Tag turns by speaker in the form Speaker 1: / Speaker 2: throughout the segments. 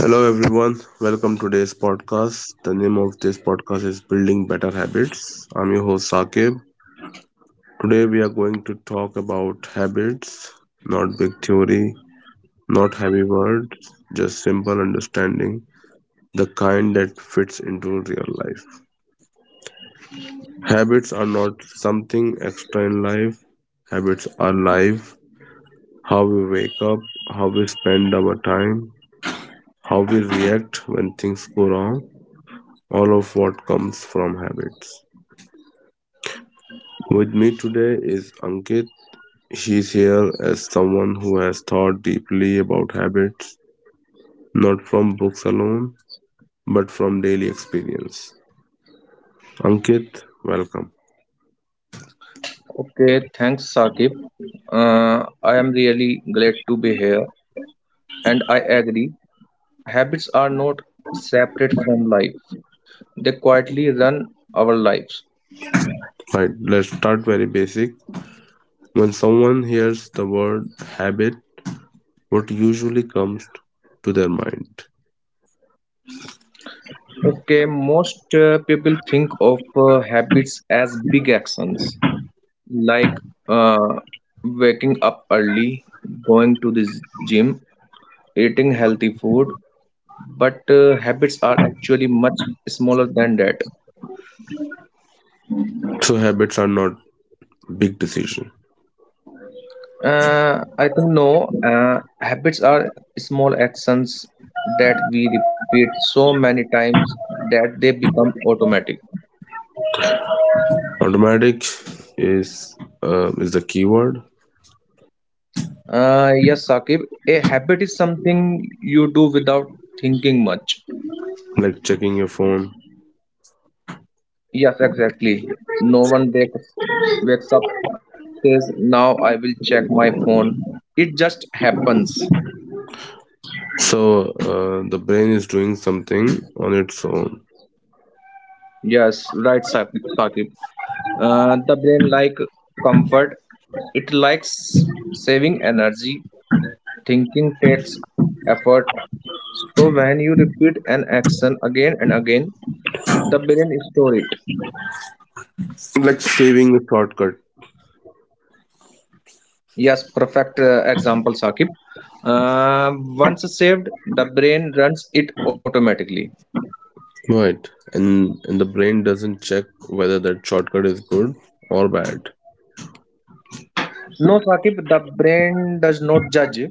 Speaker 1: Hello, everyone. Welcome to today's podcast. The name of this podcast is Building Better Habits. I'm your host, Saqib. Today, we are going to talk about habits, not big theory, not heavy words, just simple understanding, the kind that fits into real life. Habits are not something extra in life, habits are life. How we wake up, how we spend our time, how we react when things go wrong, all of what comes from habits. With me today is Ankit. She's here as someone who has thought deeply about habits, not from books alone, but from daily experience. Ankit, welcome.
Speaker 2: Okay, thanks, Saqib. I am really glad to be here, and I agree. Habits are not separate from life, they quietly run our lives.
Speaker 1: Right, let's start very basic. When someone hears the word habit, what usually comes to their mind?
Speaker 2: Okay, most people think of habits as big actions like uh, waking up early, going to the gym, eating healthy food, but habits are actually much smaller than that.
Speaker 1: So habits are not big decision.
Speaker 2: I think no. Habits are small actions that we repeat so many times that they become automatic.
Speaker 1: Automatic is is the keyword,
Speaker 2: Yes, Sakib, a habit is something you do without thinking much.
Speaker 1: like checking your phone.
Speaker 2: Yes, exactly. No one wakes up says, "Now I will check my phone." It just happens.
Speaker 1: So the brain is doing something on its own,
Speaker 2: Yes, right, Saqib. Sakib. The brain like comfort. It likes saving energy. Thinking takes effort. So when you repeat an action again and again, the brain store it.
Speaker 1: like saving a shortcut,
Speaker 2: Yes, perfect example, Sakib. Uh, Once saved, the brain runs it automatically.
Speaker 1: right? And the brain doesn't check whether that shortcut is good or bad.
Speaker 2: No, Sakib, the brain does not judge.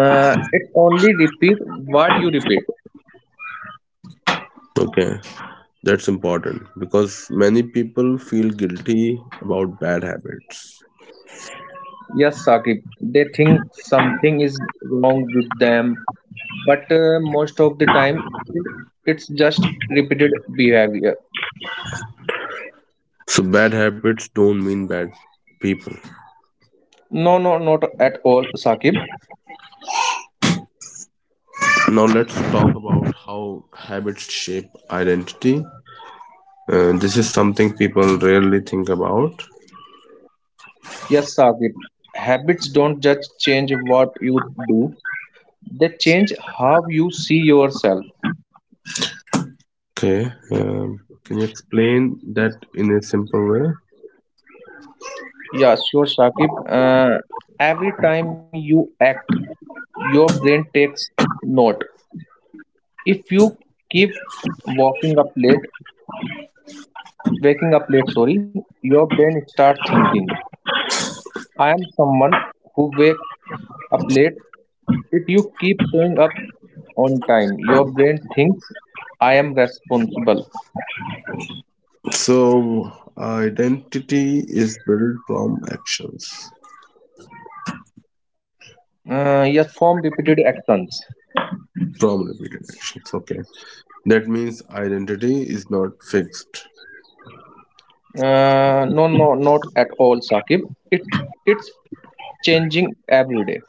Speaker 2: It only repeat what you repeat.
Speaker 1: Okay, that's important because many people feel guilty about bad habits.
Speaker 2: Yes, Sakib, they think something is wrong with them, but most of the time, it, it's just repeated behavior.
Speaker 1: So bad habits don't mean bad people.
Speaker 2: No, no, not at all, Saqib.
Speaker 1: Now let's talk about how habits shape identity. This is something people rarely think about.
Speaker 2: Yes, Saqib. Habits don't just change what you do, they change how you see yourself.
Speaker 1: Okay. Can you explain that in a simple way?
Speaker 2: Yeah, sure, Saqib. Every time you act, your brain takes note. If you keep walking up late, waking up late, sorry, your brain start thinking, I am someone who wake up late. If you keep showing up on time, your brain thinks I am responsible.
Speaker 1: So, identity is built from actions,
Speaker 2: Yes, form repeated actions.
Speaker 1: from repeated actions. Okay. That means identity is not fixed.
Speaker 2: No, no, not at all, Sakib. It it's changing every day.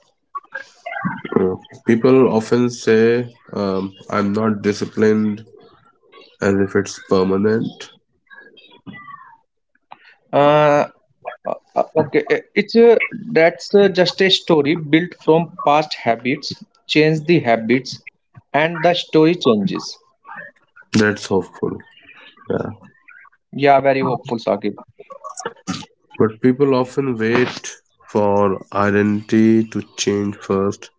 Speaker 1: Uh, People often say, I'm not disciplined, as if it's permanent.
Speaker 2: Uh, okay, it's that's just a story built from past habits. Change the habits, and the story changes.
Speaker 1: That's hopeful. Yeah.
Speaker 2: Yeah, very hopeful, Sakib.
Speaker 1: But people often wait for identity to change first.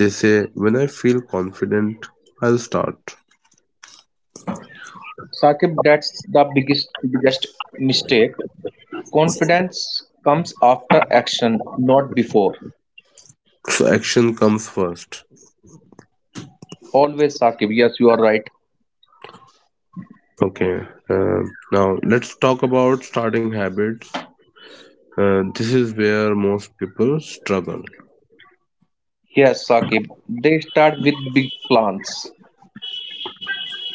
Speaker 1: They say, when I feel confident, I'll start.
Speaker 2: Sakib, that's the biggest mistake. Confidence comes after action, not before.
Speaker 1: So action comes first.
Speaker 2: Always, Saqib. Yes, you are right.
Speaker 1: Okay. Now let's talk about starting habits. This is where most people struggle,
Speaker 2: Yes, Saqib. They start with big plans.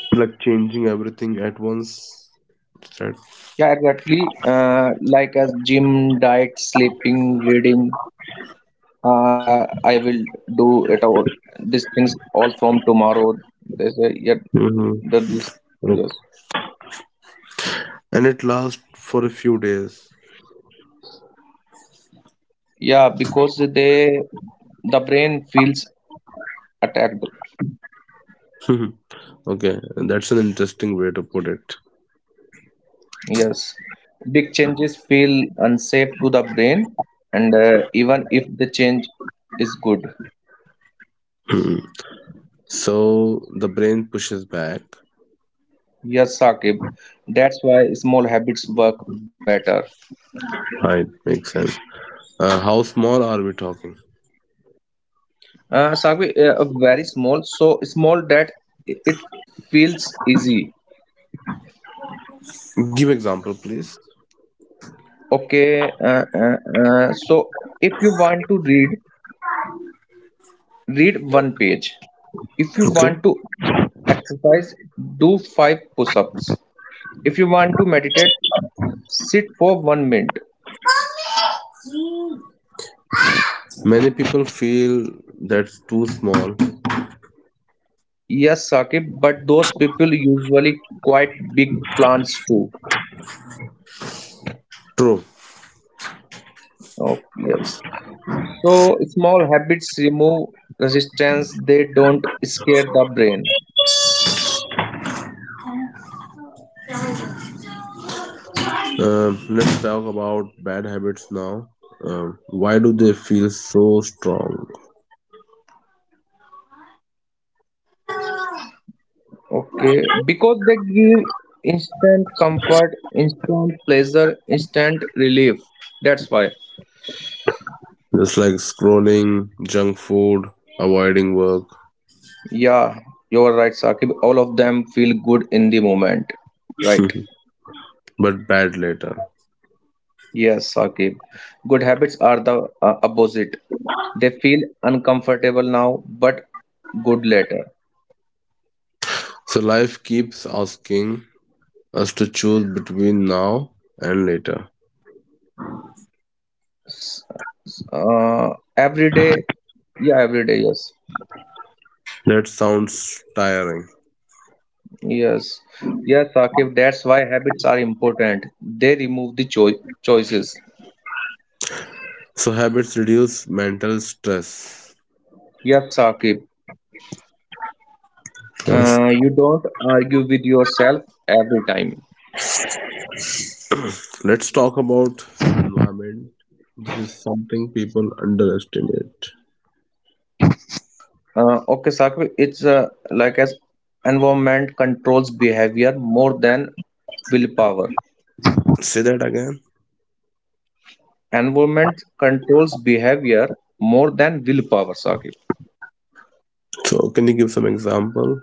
Speaker 1: like changing everything at once. That.
Speaker 2: Yeah, exactly. Like as gym, diet, sleeping, reading. I will do it all. These things all from tomorrow. They say, yeah,
Speaker 1: Mm-hmm.
Speaker 2: that is, yes.
Speaker 1: And it lasts for a few days.
Speaker 2: Yeah, because they, the brain feels attacked.
Speaker 1: Okay, that's an interesting way to put it.
Speaker 2: Yes, big changes feel unsafe to the brain, and even if the change is good.
Speaker 1: So the brain pushes back.
Speaker 2: Yes, Saqib, that's why small habits work better.
Speaker 1: Right, makes sense. How small are we talking?
Speaker 2: Saqib, very small, so small that it feels easy.
Speaker 1: Give example, please.
Speaker 2: Okay, so if you want to read, read one page. If you
Speaker 1: Okay.
Speaker 2: want to exercise, do five push ups. If you want to meditate, sit for 1 minute.
Speaker 1: Many people feel that's too small.
Speaker 2: Yes, Saqib, but those people usually quite big plants too.
Speaker 1: True.
Speaker 2: Oh, yes. So small habits remove resistance, they don't scare the brain.
Speaker 1: Let's talk about bad habits now. Why do they feel so strong?
Speaker 2: Okay, because they give instant comfort, instant pleasure, instant relief. That's why.
Speaker 1: Just like scrolling, junk food, avoiding work,
Speaker 2: Yeah, you're right, Saqib. All of them feel good in the moment, right?
Speaker 1: but bad later.
Speaker 2: Yes, Saqib. Good habits are the opposite. They feel uncomfortable now, but good later.
Speaker 1: So life keeps asking us to choose between now and later.
Speaker 2: Every day, yeah, every day, yes.
Speaker 1: That sounds tiring.
Speaker 2: Yes, yes, Saqib. That's why habits are important. They remove the choices.
Speaker 1: So habits reduce mental stress.
Speaker 2: Yes, Saqib.
Speaker 1: Okay.
Speaker 2: You don't argue with yourself every time.
Speaker 1: Let's talk about environment. This is something people underestimate.
Speaker 2: Okay, Saqib. It's like as environment controls behavior more than willpower.
Speaker 1: Say that again.
Speaker 2: Environment controls behavior more than willpower, Saqib.
Speaker 1: So, can you give some example?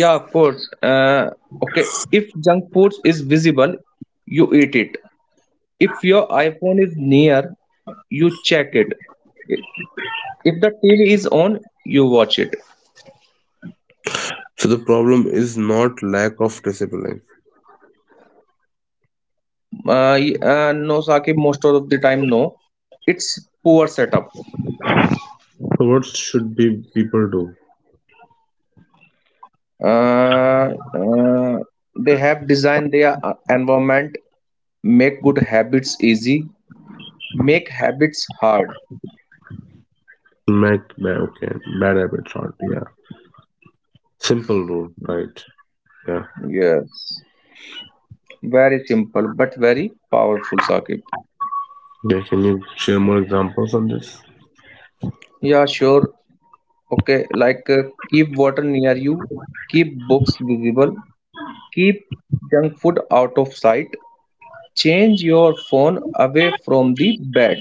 Speaker 2: Yeah, of course, okay. If junk food is visible, you eat it. If your iPhone is near, you check it. If the TV is on, you watch it.
Speaker 1: So, the problem is not lack of discipline.
Speaker 2: No, Saqib, most of the time, no, it's poor setup.
Speaker 1: So, what should be people do?
Speaker 2: uh, uh, they have designed their environment. Make good habits easy, make habits hard.
Speaker 1: Make okay, bad habits out. Yeah, simple rule, right? Yeah.
Speaker 2: Yes, very simple but very powerful, Saqib.
Speaker 1: Okay, can you share more examples on this?
Speaker 2: Yeah, sure. Okay, like keep water near you, keep books visible, keep junk food out of sight, change your phone away from the bed.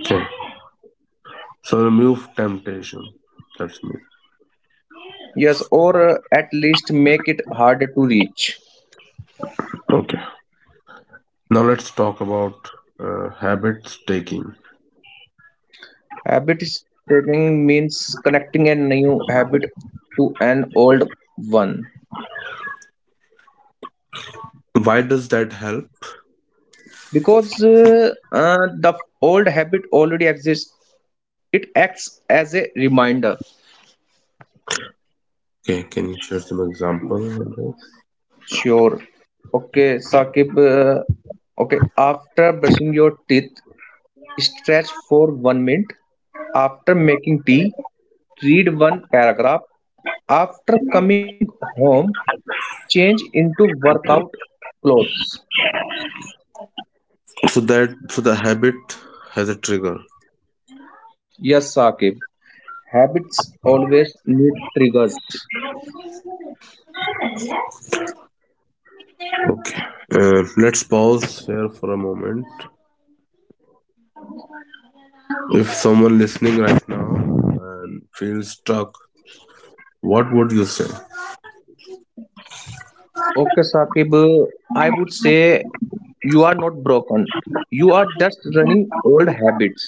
Speaker 1: Okay. So, remove temptation. That's me.
Speaker 2: Yes, or at least make it harder to reach.
Speaker 1: Okay. Now, let's talk about habits taking.
Speaker 2: Habit stacking means connecting a new habit to an old one.
Speaker 1: Why does that help?
Speaker 2: Because the old habit already exists. It acts as a reminder.
Speaker 1: Okay, can you share some example on that?
Speaker 2: Sure. Okay, Saqib. Okay, after brushing your teeth, stretch for 1 minute. After making tea, read one paragraph. After coming home, change into workout clothes.
Speaker 1: So the habit has a trigger.
Speaker 2: Yes, Saqib. Habits always need triggers.
Speaker 1: Okay, let's pause here for a moment. If someone listening right now and feels stuck, what would you say?
Speaker 2: Okay, Saqib. I would say, you are not broken. You are just running old habits.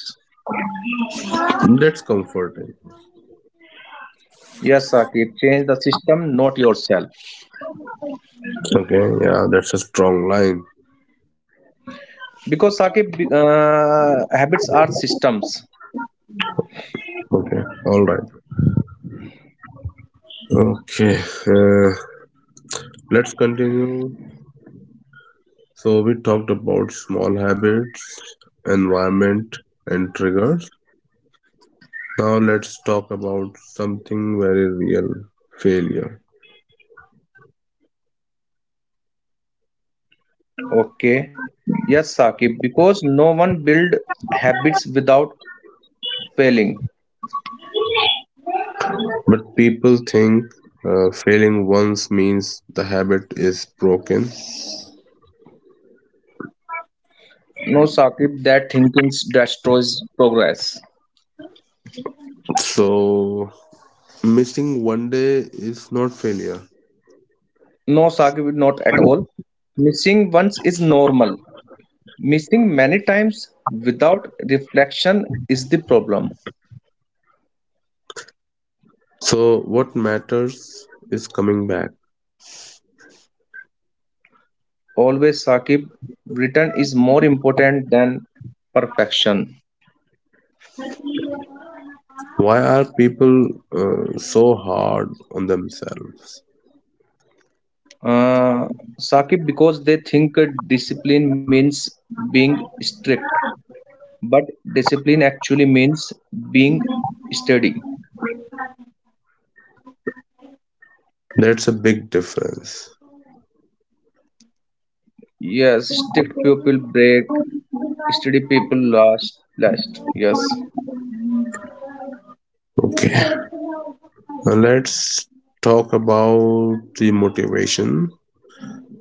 Speaker 1: That's comforting.
Speaker 2: Yes, Saqib, change the system, not yourself.
Speaker 1: Okay, yeah, that's a strong line.
Speaker 2: Because Saqib, habits are systems.
Speaker 1: Okay, all right. Okay, uh, let's continue. So we talked about small habits, environment, and triggers. Now let's talk about something very real: failure.
Speaker 2: Okay. Yes, Saqib, because no one build habits without failing.
Speaker 1: But people think failing once means the habit is broken.
Speaker 2: No, Saqib, that thinking destroys progress.
Speaker 1: So missing one day is not failure.
Speaker 2: No, Saqib, not at all. Missing once is normal. Missing many times without reflection is the problem.
Speaker 1: So what matters is coming back.
Speaker 2: Always, Saqib, return is more important than perfection.
Speaker 1: Why are people so hard on themselves?
Speaker 2: Uh, Saqib, because they think discipline means being strict, but discipline actually means being steady.
Speaker 1: That's a big difference.
Speaker 2: Yes, strict people break, steady people last. Last, yes.
Speaker 1: Okay, now let's talk about the motivation.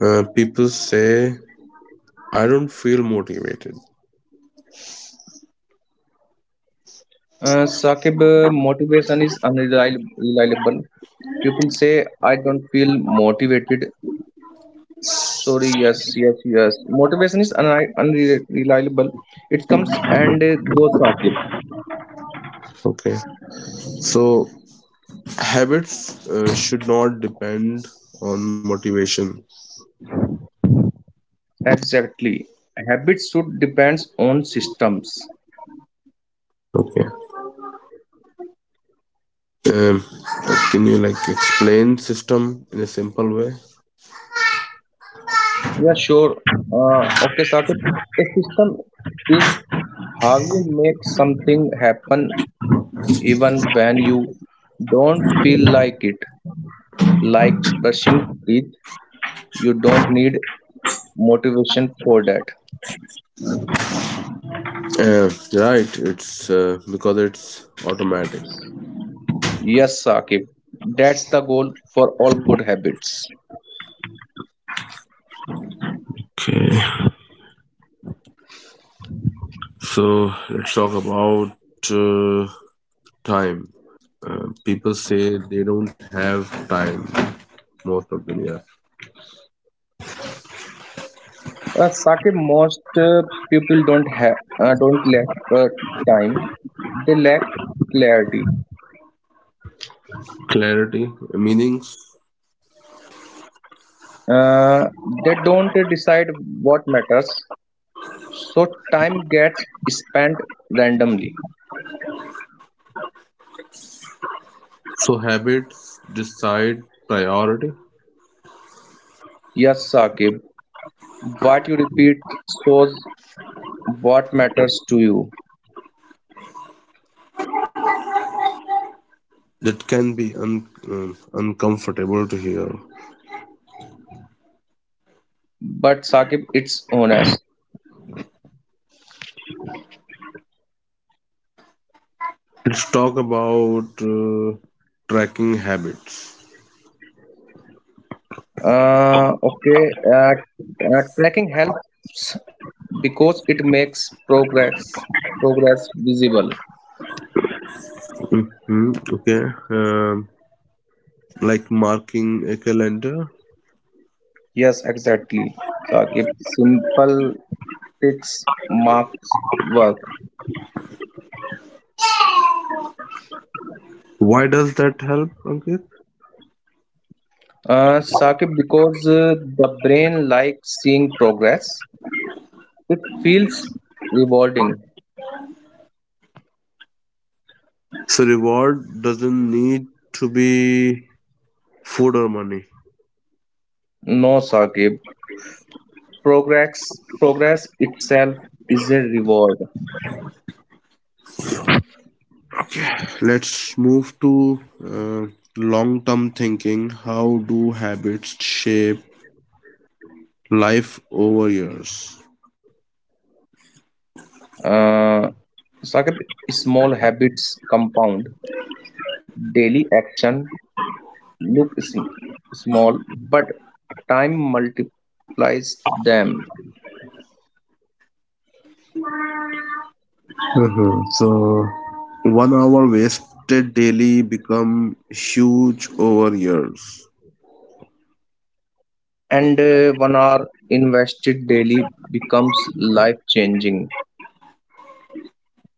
Speaker 1: People say I don't feel motivated.
Speaker 2: Saqib, motivation is unreliable. People say, I don't feel motivated. Sorry, yes, yes, yes. Motivation is unreliable. It comes and goes. Saqib.
Speaker 1: Okay. So habits should not depend on motivation.
Speaker 2: Exactly. Habits should depends on systems.
Speaker 1: Okay. Um, can you like explain system in a simple way?
Speaker 2: Yeah, sure. Okay, Saqib. A system is how you make something happen even when you don't feel like it. Like brushing teeth, you don't need motivation for that.
Speaker 1: Right. It's because it's automatic.
Speaker 2: Yes, Saqib. That's the goal for all good habits.
Speaker 1: Okay. So let's talk about uh, time. People say they don't have time most of the year.
Speaker 2: Sake, most people don't lack uh, time. They lack clarity.
Speaker 1: Clarity, meanings,
Speaker 2: They don't decide what matters, so time gets spent randomly.
Speaker 1: so habits decide priority.
Speaker 2: Yes, Saqib, what you repeat shows what matters to you.
Speaker 1: That can be uncomfortable to hear.
Speaker 2: But Saqib, it's honest.
Speaker 1: Let's talk about tracking habits.
Speaker 2: Okay, tracking helps because it makes progress visible.
Speaker 1: Okay, um, like marking a calendar.
Speaker 2: Yes, exactly. Saqib, simple ticks marks work.
Speaker 1: Why does that help, Ankit?
Speaker 2: Saqib, because the brain likes seeing progress, it feels rewarding.
Speaker 1: So reward doesn't need to be food or money.
Speaker 2: No, Saqib, progress itself is a reward.
Speaker 1: Okay, let's move to uh, long-term thinking. How do habits shape life over years?
Speaker 2: Uh, Saqib, small habits compound. Daily action look small, but time multiplies them.
Speaker 1: Mhm. So, 1 hour wasted daily become huge over years.
Speaker 2: And 1 hour invested daily becomes life changing.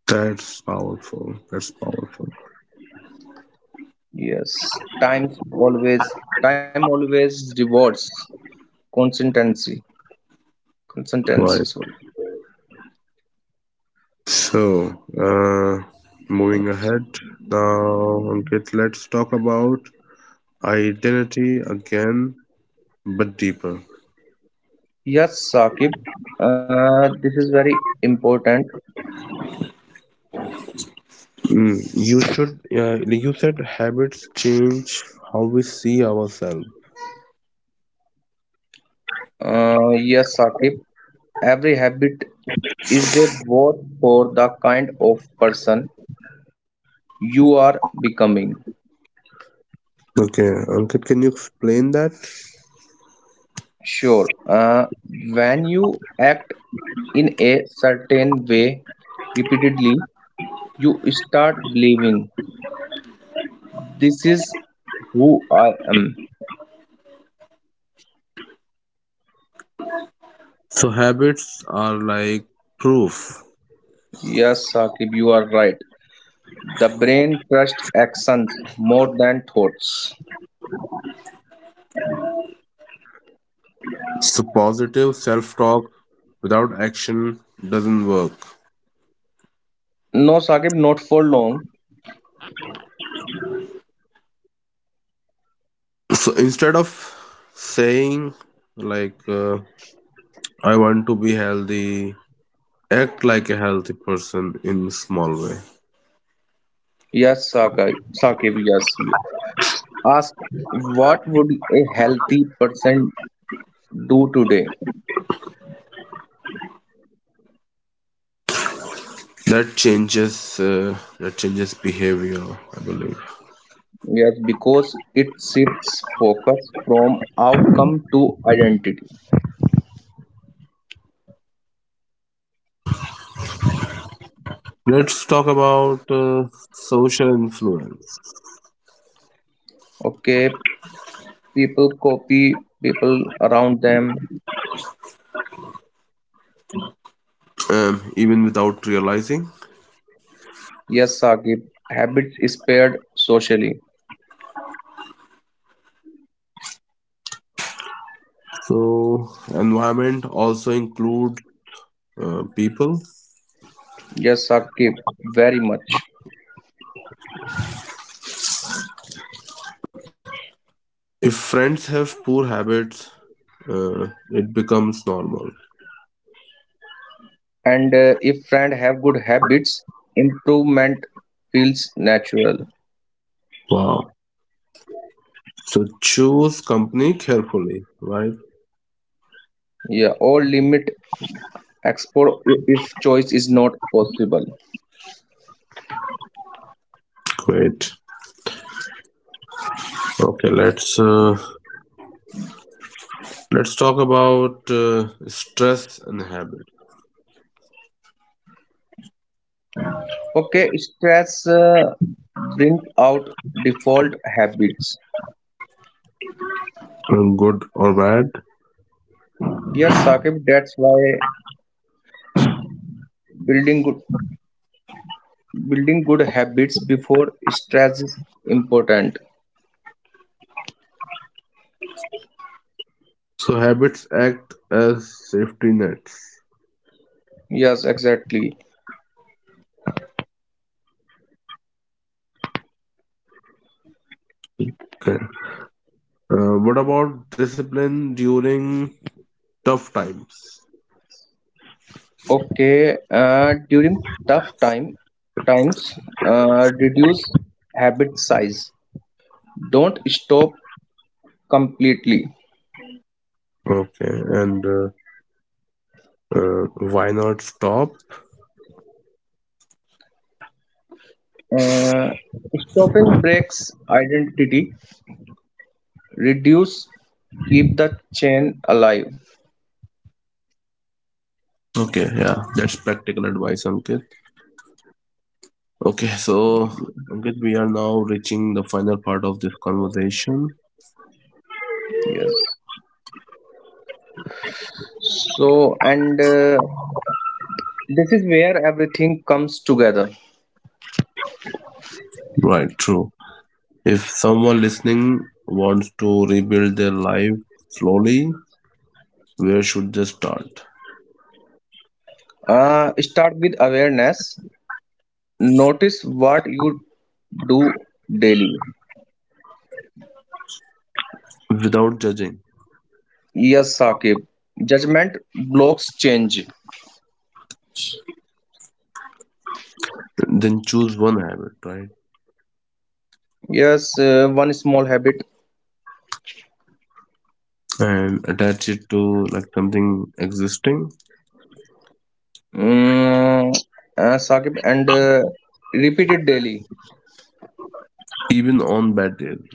Speaker 1: That's powerful. That's powerful.
Speaker 2: Yes, time always rewards consistency
Speaker 1: Right.
Speaker 2: consistency, sorry.
Speaker 1: So, moving ahead now, Ankit, let's talk about identity again, but deeper.
Speaker 2: Yes, Saqib. This is very important.
Speaker 1: You should, yeah, you said habits change how we see ourselves.
Speaker 2: Yes, Saqib. Every habit is a vote for the kind of person you are becoming.
Speaker 1: Okay, Ankit, can you explain that?
Speaker 2: Sure. When you act in a certain way repeatedly, you start believing this is who I am.
Speaker 1: So habits are like proof.
Speaker 2: Yes, Saqib, you are right. The brain trusts actions more than thoughts.
Speaker 1: So positive self-talk without action doesn't work.
Speaker 2: No, Saqib, not for long.
Speaker 1: So instead of saying like I want to be healthy, act like a healthy person in small way.
Speaker 2: Yes, Saqib, yes. You. Ask what would a healthy person do today?
Speaker 1: That changes behavior, I believe.
Speaker 2: Yes, because it shifts focus from outcome to identity.
Speaker 1: Let's talk about social influence.
Speaker 2: Okay, people copy people around them.
Speaker 1: Even without realizing.
Speaker 2: Yes, Saqib. Habit is paired socially.
Speaker 1: So environment also include people.
Speaker 2: Yes, Saqib. Very much.
Speaker 1: If friends have poor habits, it becomes normal.
Speaker 2: And if friend have good habits, improvement feels natural.
Speaker 1: Wow. So choose company carefully, right?
Speaker 2: Yeah, or limit explore if choice is not possible.
Speaker 1: Great. Okay, let's talk about stress and habit,
Speaker 2: Okay, stress brings out default habits.
Speaker 1: good or bad.
Speaker 2: Yes, Saqib. That's why building good building good habits before stress is important.
Speaker 1: So habits act as safety nets.
Speaker 2: Yes, exactly.
Speaker 1: Okay. What about discipline during tough times?
Speaker 2: Okay, during tough times, reduce habit size. Don't stop completely.
Speaker 1: Okay, and why not stop?
Speaker 2: Uh, Stopping breaks identity. Reduce, keep the chain alive.
Speaker 1: Okay, yeah, that's practical advice, Ankit. Okay, so Ankit, we are now reaching the final part of this conversation.
Speaker 2: Yes. So, and this is where everything comes together.
Speaker 1: Right, true. If someone listening wants to rebuild their life slowly, where should they start?
Speaker 2: Start with awareness. Notice what you do daily.
Speaker 1: Without judging,
Speaker 2: Yes, Saqib. Judgment blocks change.
Speaker 1: then choose one habit, right?
Speaker 2: Yes, one small habit.
Speaker 1: And attach it to like something existing,
Speaker 2: Mm, Saqib, and repeat it daily.
Speaker 1: even on bad days, right?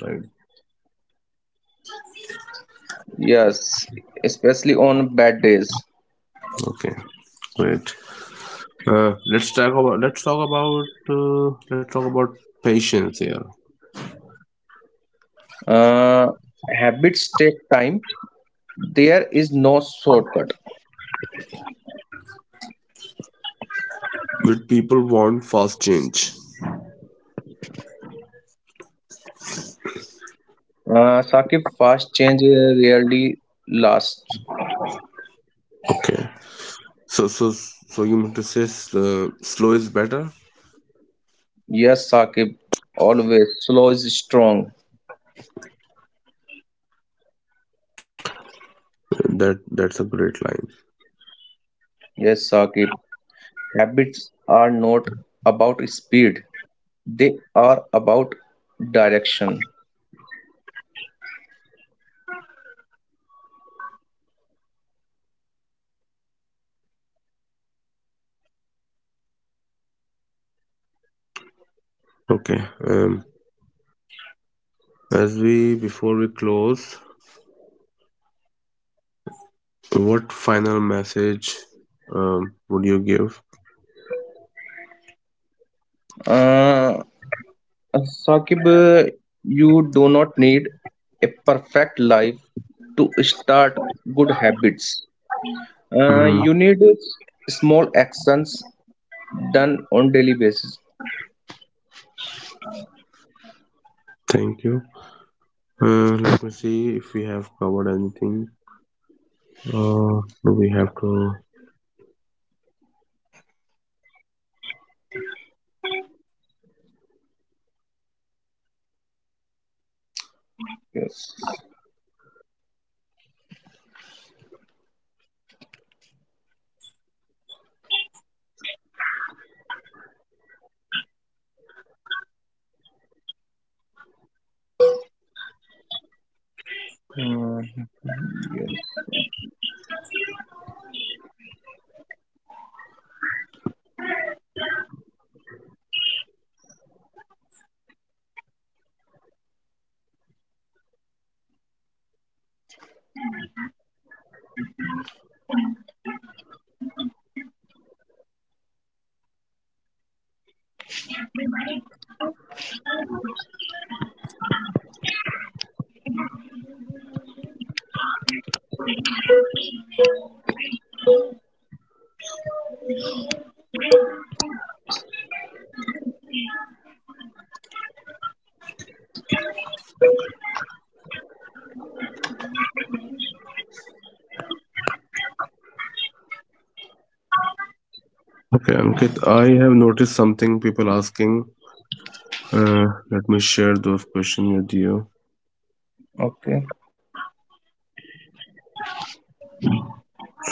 Speaker 2: Yes, especially on bad days.
Speaker 1: Okay, great. Let's talk about patience here.
Speaker 2: Uh, Habits take time. There is no shortcut.
Speaker 1: Will people want fast change?
Speaker 2: Saqib, fast change rarely lasts.
Speaker 1: Okay. So you mean to say slow is better?
Speaker 2: Yes, Saqib, always slow is strong.
Speaker 1: That's a great line.
Speaker 2: Yes, Saqib, habits are not about speed. They are about direction.
Speaker 1: Okay. Um, as we Before we close, what final message would you give?
Speaker 2: uh, Saqib, you do not need a perfect life to start good habits.
Speaker 1: Hmm.
Speaker 2: You need small actions done on daily basis.
Speaker 1: Thank you. Let me see if we have covered anything. Do we have to?
Speaker 2: Yes. Hmm, yes.
Speaker 1: Okay, Ankit, I have noticed something people asking. Uh, Let me share those questions with you.
Speaker 2: Okay.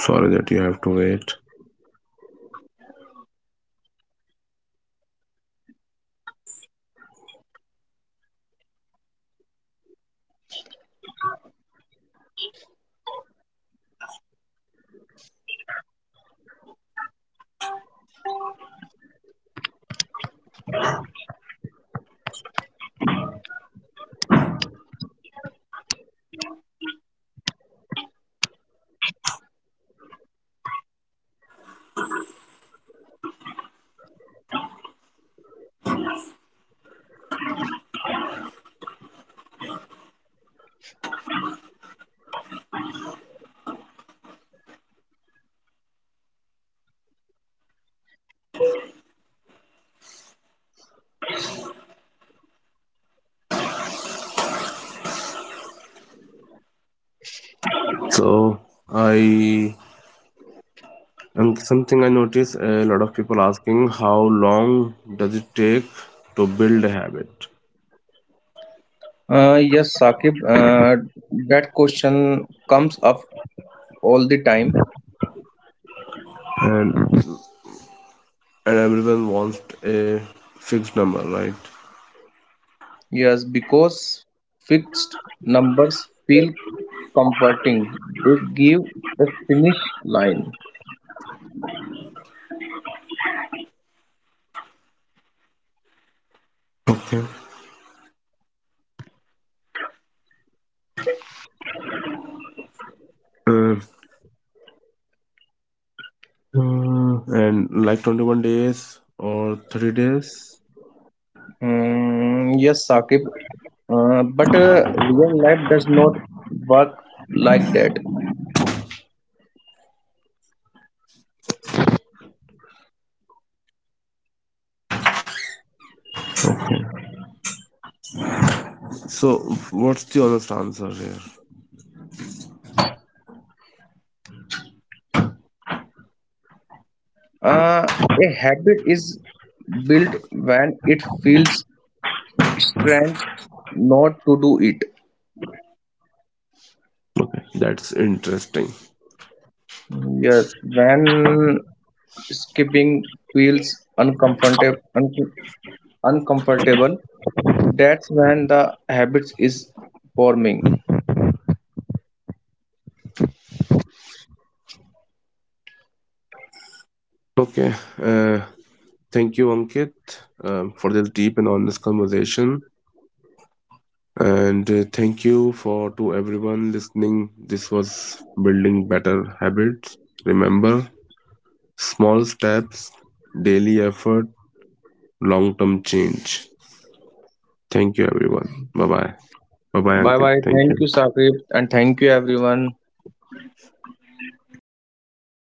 Speaker 1: Sorry that you have to wait. So, I, and something I notice, a lot of people asking how long does it take to build a habit,
Speaker 2: Yes, Saqib, that question comes up all the time.
Speaker 1: and and everyone wants a fixed number, right?
Speaker 2: Yes, because fixed numbers feel comforting. They give a finish line.
Speaker 1: Okay. Uh, uh, and like 21 days or 30 days.
Speaker 2: Mm, yes, Sakib. But real life does not work like that.
Speaker 1: Okay. So what's the honest answer here?
Speaker 2: Uh, a habit is built when it feels strange not to do it.
Speaker 1: That's interesting.
Speaker 2: Yes, when skipping feels uncomfortable, that's when the habits is forming.
Speaker 1: Okay. Thank you, Ankit, for this deep and honest conversation. And thank you for to everyone listening. This was Building Better Habits. Remember: small steps, daily effort, long term change. Thank you everyone. Bye bye. Bye bye,
Speaker 2: Bye
Speaker 1: Ankit.
Speaker 2: bye.
Speaker 1: Thank
Speaker 2: Thank
Speaker 1: you.
Speaker 2: you, Saqib, and thank you, everyone.